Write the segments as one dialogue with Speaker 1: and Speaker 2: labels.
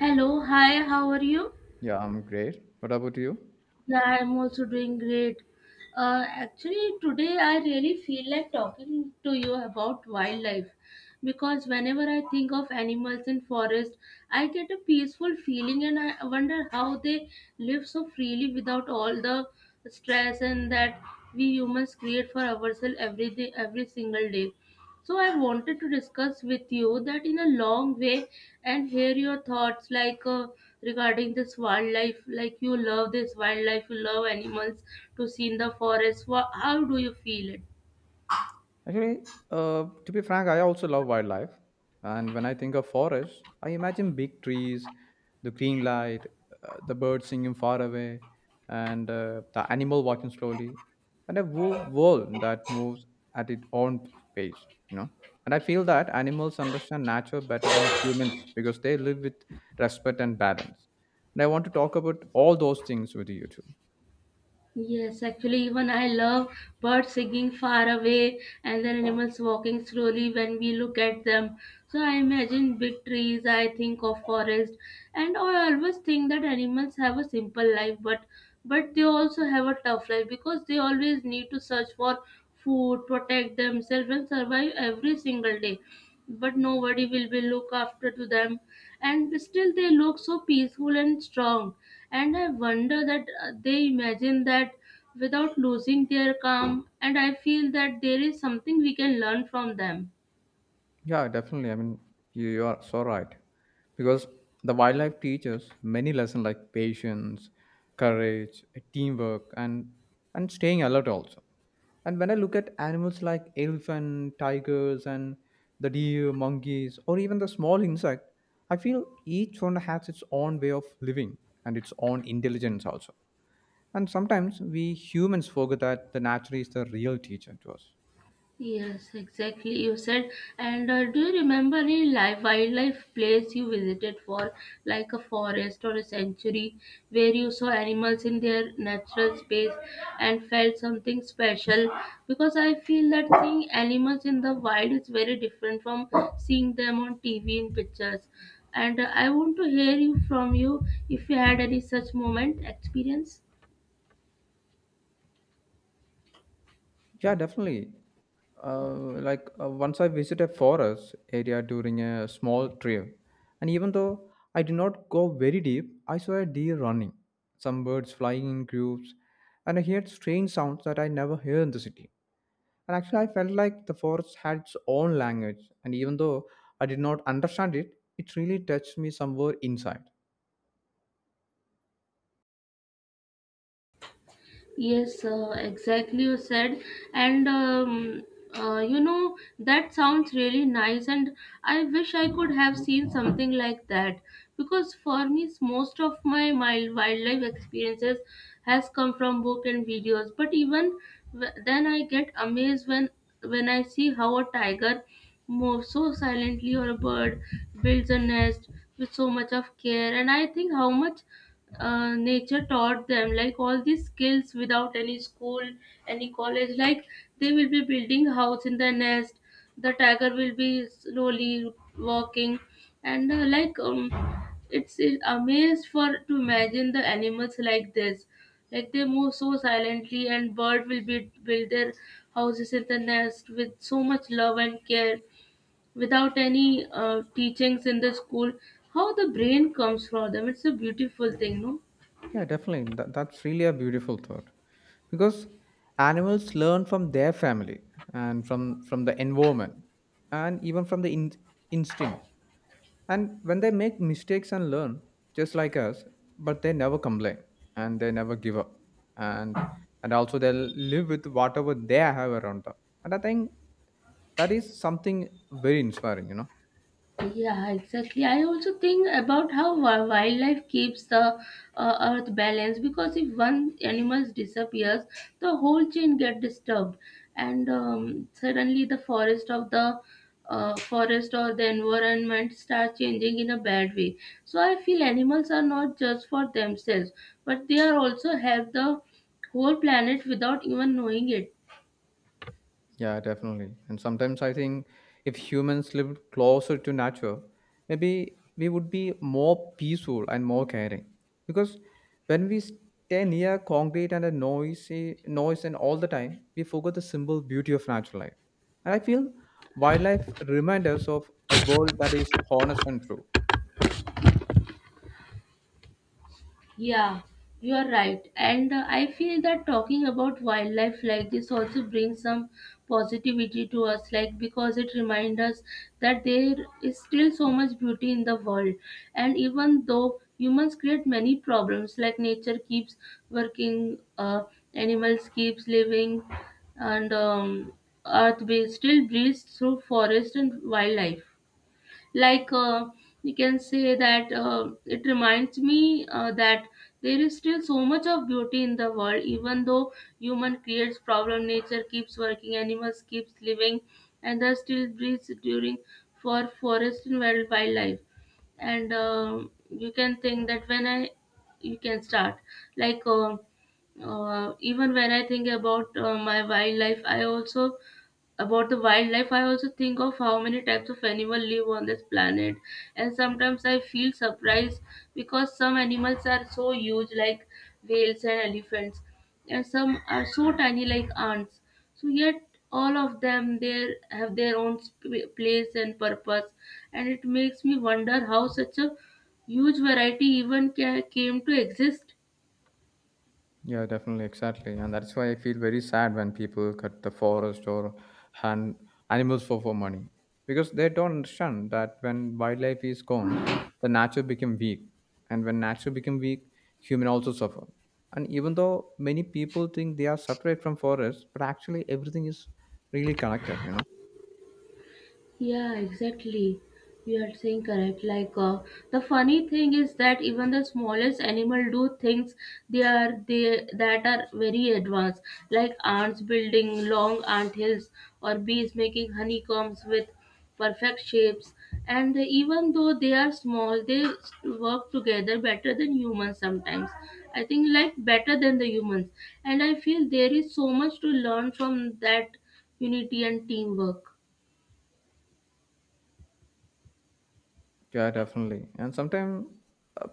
Speaker 1: Hello, hi, how are you?
Speaker 2: Yeah, I'm great. What about you?
Speaker 1: Yeah, I'm also doing great. Actually, today I really feel like talking to you about wildlife because whenever I think of animals in forest, I get a peaceful feeling and I wonder how they live so freely without all the stress and that we humans create for ourselves every day, every single day. So I wanted to discuss with you that in a long way and hear your thoughts regarding this wildlife, like you love this wildlife, you love animals to see in the forest. Wha How do you feel it?
Speaker 2: Actually, to be frank, I also love wildlife. And when I think of forests, I imagine big trees, the green light, the birds singing far away, and the animal walking slowly, and a whole world that moves at its own pace, you know. And I feel that animals understand nature better than humans because they live with respect and balance. And I want to talk about all those things with you too.
Speaker 1: Yes, actually, even I love birds singing far away and then animals walking slowly when we look at them. So I imagine big trees, I think of forest, and I always think that animals have a simple life, but they also have a tough life because they always need to search for food, protect themselves, and survive every single day, but nobody will be look after to them, and still they look so peaceful and strong. And I wonder that they imagine that without losing their calm, and I feel that there is something we can learn from them.
Speaker 2: Yeah, definitely. I mean, you are so right. Because the wildlife teaches many lessons like patience, courage, teamwork, and staying alert also. And when I look at animals like elephant, tigers, and the deer, monkeys, or even the small insect, I feel each one has its own way of living and its own intelligence also. And sometimes we humans forget that the nature is the real teacher to us.
Speaker 1: Yes, exactly. You said. And do you remember any live wildlife place you visited, for like a forest or a sanctuary, where you saw animals in their natural space and felt something special? Because I feel that seeing animals in the wild is very different from seeing them on TV in pictures. And I want to hear you if you had any such moment experience.
Speaker 2: Yeah, definitely. Like once I visit a forest area during a small trip, and even though I did not go very deep, I saw a deer running, some birds flying in groups, and I heard strange sounds that I never hear in the city. And actually, I felt like the forest had its own language, and even though I did not understand it, it really touched me somewhere inside.
Speaker 1: Yes, exactly you said. And that sounds really nice. And I wish I could have seen something like that because for me, most of my wildlife experiences has come from book and videos. But even then, I get amazed when I see how a tiger moves so silently or a bird builds a nest with so much of care. And I think how much nature taught them like all these skills without any school, any college, like they will be building house in the nest, the tiger will be slowly walking, and it's it amazed for to imagine the animals like this, like they move so silently and bird will be build their houses in the nest with so much love and care without any teachings in the school. How the brain comes from them? It's a beautiful thing, no?
Speaker 2: Yeah, definitely. That's really a beautiful thought because animals learn from their family and from the environment and even from the instincts. And when they make mistakes and learn, just like us, but they never complain and they never give up. And also they live with whatever they have around them. And I think that is something very inspiring, you know.
Speaker 1: Yeah, exactly. I also think about how wildlife keeps the earth balanced, because if one animal disappears, the whole chain get disturbed, and suddenly the forest of the forest or the environment start changing in a bad way. So I feel animals are not just for themselves, but they are also help the whole planet without even knowing it.
Speaker 2: Yeah, definitely. And sometimes I think if humans lived closer to nature, maybe we would be more peaceful and more caring. Because when we stay near concrete and a noisy noise and all the time, we forget the simple beauty of natural life. And I feel wildlife remind us of a world that is honest and true.
Speaker 1: Yeah, you are right. And I feel that talking about wildlife like this also brings some positivity to us, like because it reminds us that there is still so much beauty in the world. And even though humans create many problems, like nature keeps working, animals keeps living, and earth still breathes through forest and wildlife, like uh, you can say that it reminds me that there is still so much of beauty in the world, even though human creates problem, nature keeps working, animals keeps living, and there still breathes during for forest and wildlife. And you can think that when I you can start like even when I think about my wildlife, I also about the wildlife, I also think of how many types of animal live on this planet, and sometimes I feel surprised because some animals are so huge like whales and elephants, and some are so tiny like ants. So yet all of them, they have their own place and purpose, and it makes me wonder how such a huge variety even came to exist.
Speaker 2: Yeah, definitely, exactly. And that's why I feel very sad when people cut the forest or hunt animals for, money. Because they don't understand that when wildlife is gone, the nature become weak. And when nature become weak, human also suffer. And even though many people think they are separate from forest, but actually everything is really connected, you know.
Speaker 1: Yeah, exactly. You are saying correct. The funny thing is that even the smallest animal do things they are they that are very advanced, like ants building long ant hills or bees making honeycombs with perfect shapes. And even though they are small, work together better than humans sometimes. I think like better than the humans. And I feel there is so much to learn from that unity and teamwork.
Speaker 2: Yeah, definitely. And sometimes,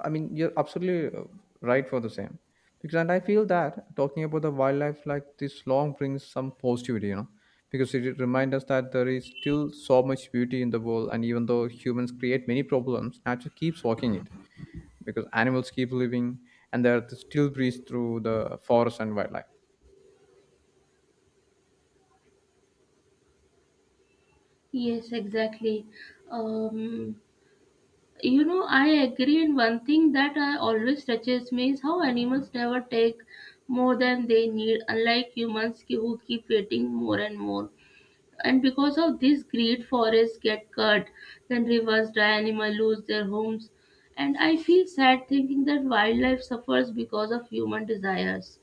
Speaker 2: I mean, you're absolutely right for the same. Because, and I feel that talking about the wildlife like this long brings some positivity, you know, because it reminds us that there is still so much beauty in the world. And even though humans create many problems, nature keeps walking it because animals keep living and they're still breathe through the forest and wildlife.
Speaker 1: Yes, exactly. Um, I agree. And one thing that I always touches me is how animals never take more than they need, unlike who keep waiting more and more. And because of this greed, forests get cut, then rivers dry, animals lose their homes. And I feel sad thinking that wildlife suffers because of human desires.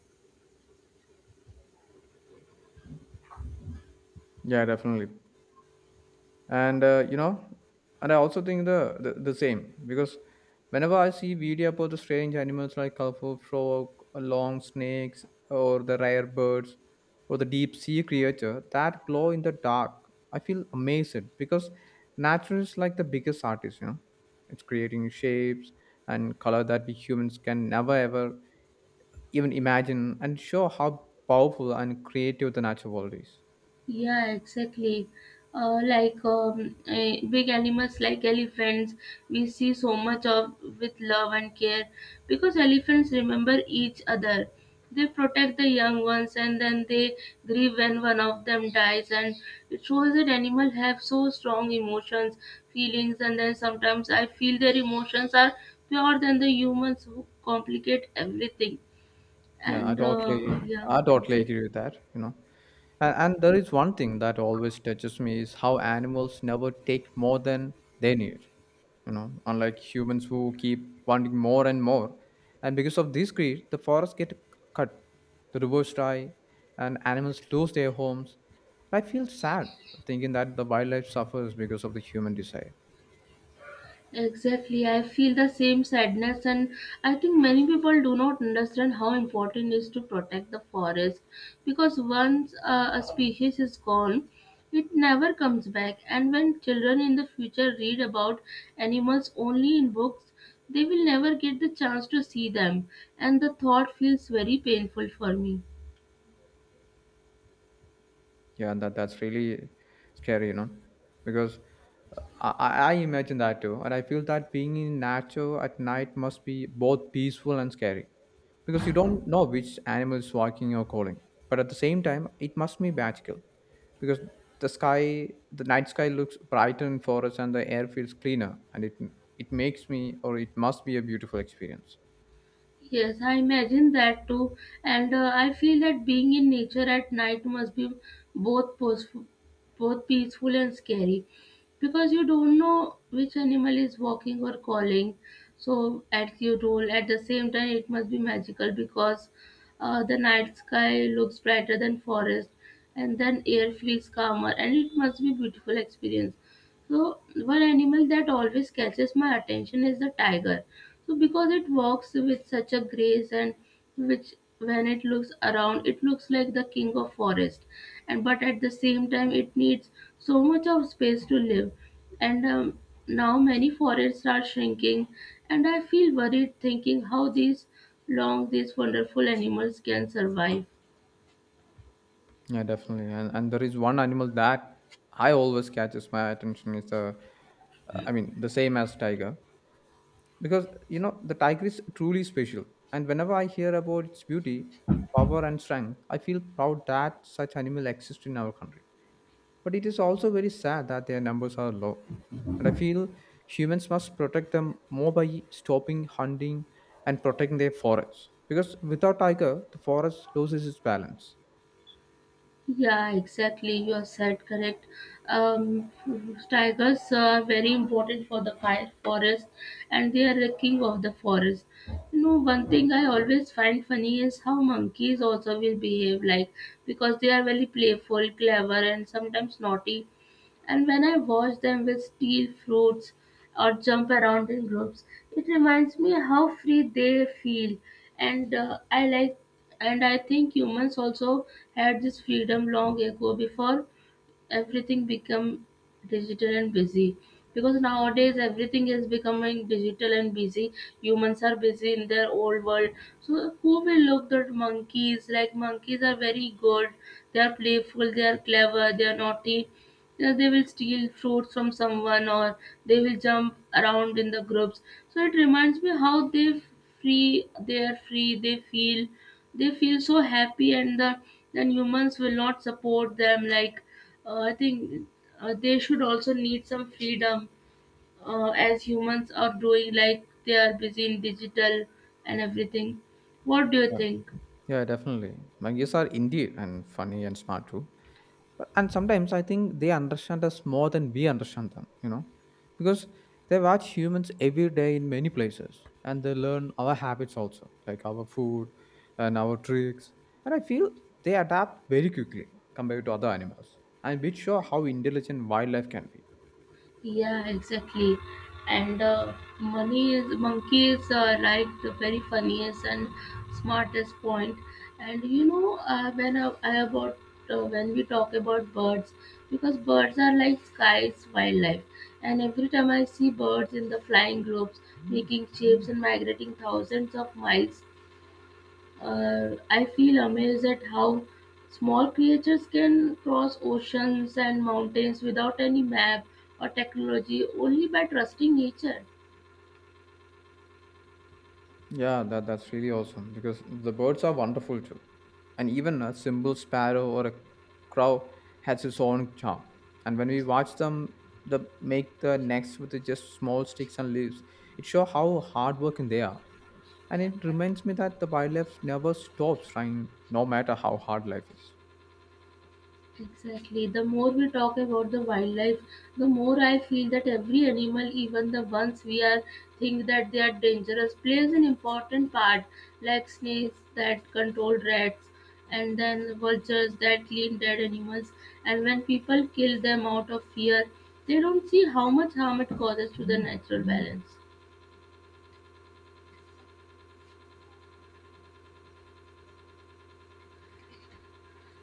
Speaker 2: Yeah, definitely. And I also think the same because whenever I see video about the strange animals like colorful frog, long snakes or the rare birds or the deep sea creature that glow in the dark, I feel amazed because nature is like the biggest artist, you know. It's creating shapes and color that we humans can never ever even imagine and show how powerful and creative the natural world is.
Speaker 1: Yeah, exactly. Big animals like elephants, we see so much of with love and care because elephants remember each other. They protect the young ones and then they grieve when one of them dies. And it shows that animals have so strong emotions, feelings, and then sometimes I feel their emotions are pure than the humans who complicate everything.
Speaker 2: Yeah,
Speaker 1: And yeah,
Speaker 2: I totally
Speaker 1: exactly.
Speaker 2: agree with that, you know. And there is one thing that always touches me is how animals never take more than they need. You know, unlike humans who keep wanting more and more. And because of this greed, the forests get cut, the rivers dry, and animals lose their homes. I feel sad thinking that the wildlife suffers because of the human desire.
Speaker 1: Exactly, I feel the same sadness, and I think many people do not understand how important it is to protect the forest, because once a species is gone, it never comes back. And when children in the future read about animals only in books, they will never get the chance to see them, and the thought feels very painful for me.
Speaker 2: Yeah, and that's really scary, you know, because I imagine that too. And I feel that being in nature at night must be both peaceful and scary because you don't know which animal is walking or calling. But at the same time, it must be magical because the sky, the night sky looks brighter in forests and the air feels cleaner, and it makes me, or it must be a beautiful experience.
Speaker 1: Yes, I imagine that too, and I feel that being in nature at night must be both peaceful, both peaceful and scary, because you don't know which animal is walking or calling. So at your role, at the same time, it must be magical because the night sky looks brighter than forest, and then air feels calmer, and it must be beautiful experience. So one animal that always catches my attention is the tiger, so because it walks with such a grace, and which when it looks around it looks like the king of forest. And but at the same time it needs so much of space to live, and now many forests are shrinking, and I feel worried thinking how these long these wonderful animals can survive.
Speaker 2: Yeah, definitely. And there is one animal that I always catches my attention is I mean, the same as tiger, because you know the tiger is truly special. And whenever I hear about its beauty, power, and strength, I feel proud that such animal exists in our country. But it is also very sad that their numbers are low. And I feel humans must protect them more by stopping hunting and protecting their forests. Because without tiger, the forest loses its balance.
Speaker 1: Yeah, exactly. You are said correct. Um, tigers are very important for the fire forest, and they are the king of the forest. You know, one thing I always find funny is how monkeys also will behave like, because they are very playful, clever, and sometimes naughty. And when I watch them will steal fruits or jump around in groups, it reminds me how free they feel. And I like and I think humans also had this freedom long ago before everything become digital and busy, because nowadays everything is becoming digital and busy, humans are busy in their old world, so who will look at monkeys? Like monkeys are very good, they are playful, they are clever, they are naughty. You know, they will steal fruits from someone, or they will jump around in the groups, so it reminds me how they free they are free they feel, they feel so happy. And the then humans will not support them, like I think they should also need some freedom, as humans are doing, like they are busy in digital and everything. What do you
Speaker 2: Yeah.
Speaker 1: think?
Speaker 2: Yeah, definitely. Monkeys are indeed and funny and smart too. And sometimes I think they understand us more than we understand them, you know, because they watch humans every day in many places and they learn our habits also, like our food and our tricks. And I feel they adapt very quickly compared to other animals, and which show how intelligent wildlife can be.
Speaker 1: Yeah, exactly. And money is monkeys are like the very funniest and smartest point. And you know, when we talk about birds, because birds are like sky's wildlife. And every time I see birds in the flying groups, making shapes and migrating thousands of miles, I feel amazed at how small creatures can cross oceans and mountains without any map or technology, only by trusting nature.
Speaker 2: Yeah, that's really awesome because the birds are wonderful too. And even a simple sparrow or a crow has its own charm. And when we watch them the make the nest with just small sticks and leaves, it shows how hardworking they are. And it reminds me that the wildlife never stops trying, no matter how hard life is.
Speaker 1: Exactly. The more we talk about the wildlife, the more I feel that every animal, even the ones we are think that they are dangerous, plays an important part, like snakes that control rats, and then vultures that clean dead animals. And when people kill them out of fear, they don't see how much harm it causes to the natural balance.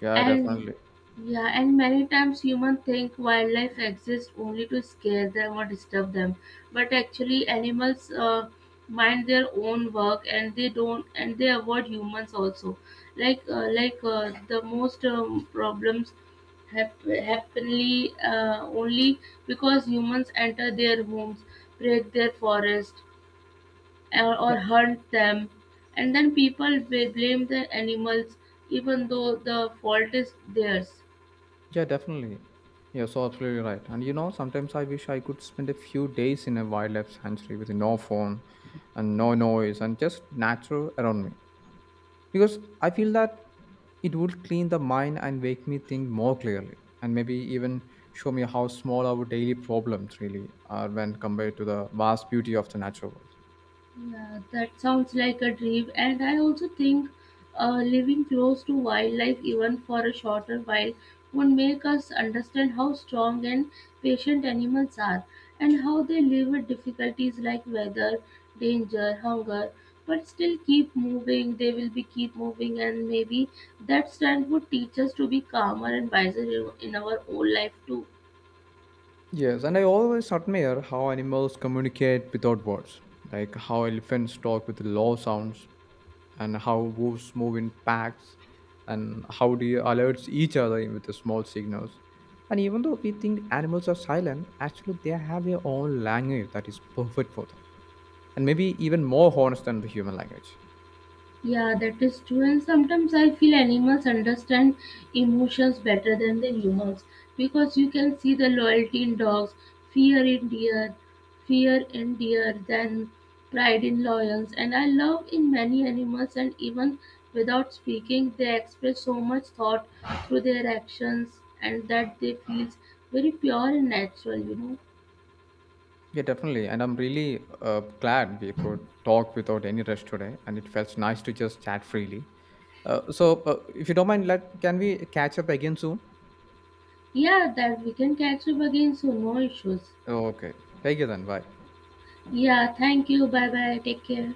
Speaker 2: Yeah,
Speaker 1: And
Speaker 2: definitely.
Speaker 1: yeah, and many times humans think wildlife exists only to scare them or disturb them, but actually animals mind their own work, and they don't and they avoid humans also. The most problems happenly only because humans enter their homes, break their forest, or hunt them, and then people will blame the animals even though the fault is theirs.
Speaker 2: Yeah, definitely. You're so absolutely right. And you know, sometimes I wish I could spend a few days in a wildlife sanctuary with no phone and no noise and just nature around me. Because I feel that it would clean the mind and make me think more clearly, and maybe even show me how small our daily problems really are when compared to the vast beauty of the natural world.
Speaker 1: Yeah, that sounds like a dream. And I also think living close to wildlife, even for a shorter while, would make us understand how strong and patient animals are and how they live with difficulties like weather, danger, hunger, but still keep moving. They will be keep moving, and maybe that strength would teach us to be calmer and wiser in our own life too.
Speaker 2: Yes, and I always admire how animals communicate without words, like how elephants talk with low sounds and how wolves move in packs and how deer alert each other with the small signals. And even though we think animals are silent, actually they have their own language that is perfect for them. And maybe even more honest than the human language.
Speaker 1: Yeah, that is true. And sometimes I feel animals understand emotions better than the humans, because you can see the loyalty in dogs, fear in deer, fear in deer, then pride in lions. And I love in many animals, and even without speaking, they express so much thought through their actions, and that they feels very pure and natural. You know.
Speaker 2: Yeah, definitely. And I'm really glad we could talk without any rush today. And it felt nice to just chat freely. So, if you don't mind, can we catch up again soon?
Speaker 1: Yeah, that we can catch up again, so no issues.
Speaker 2: Okay. Take it then. Bye.
Speaker 1: Yeah, thank you. Bye bye. Take care.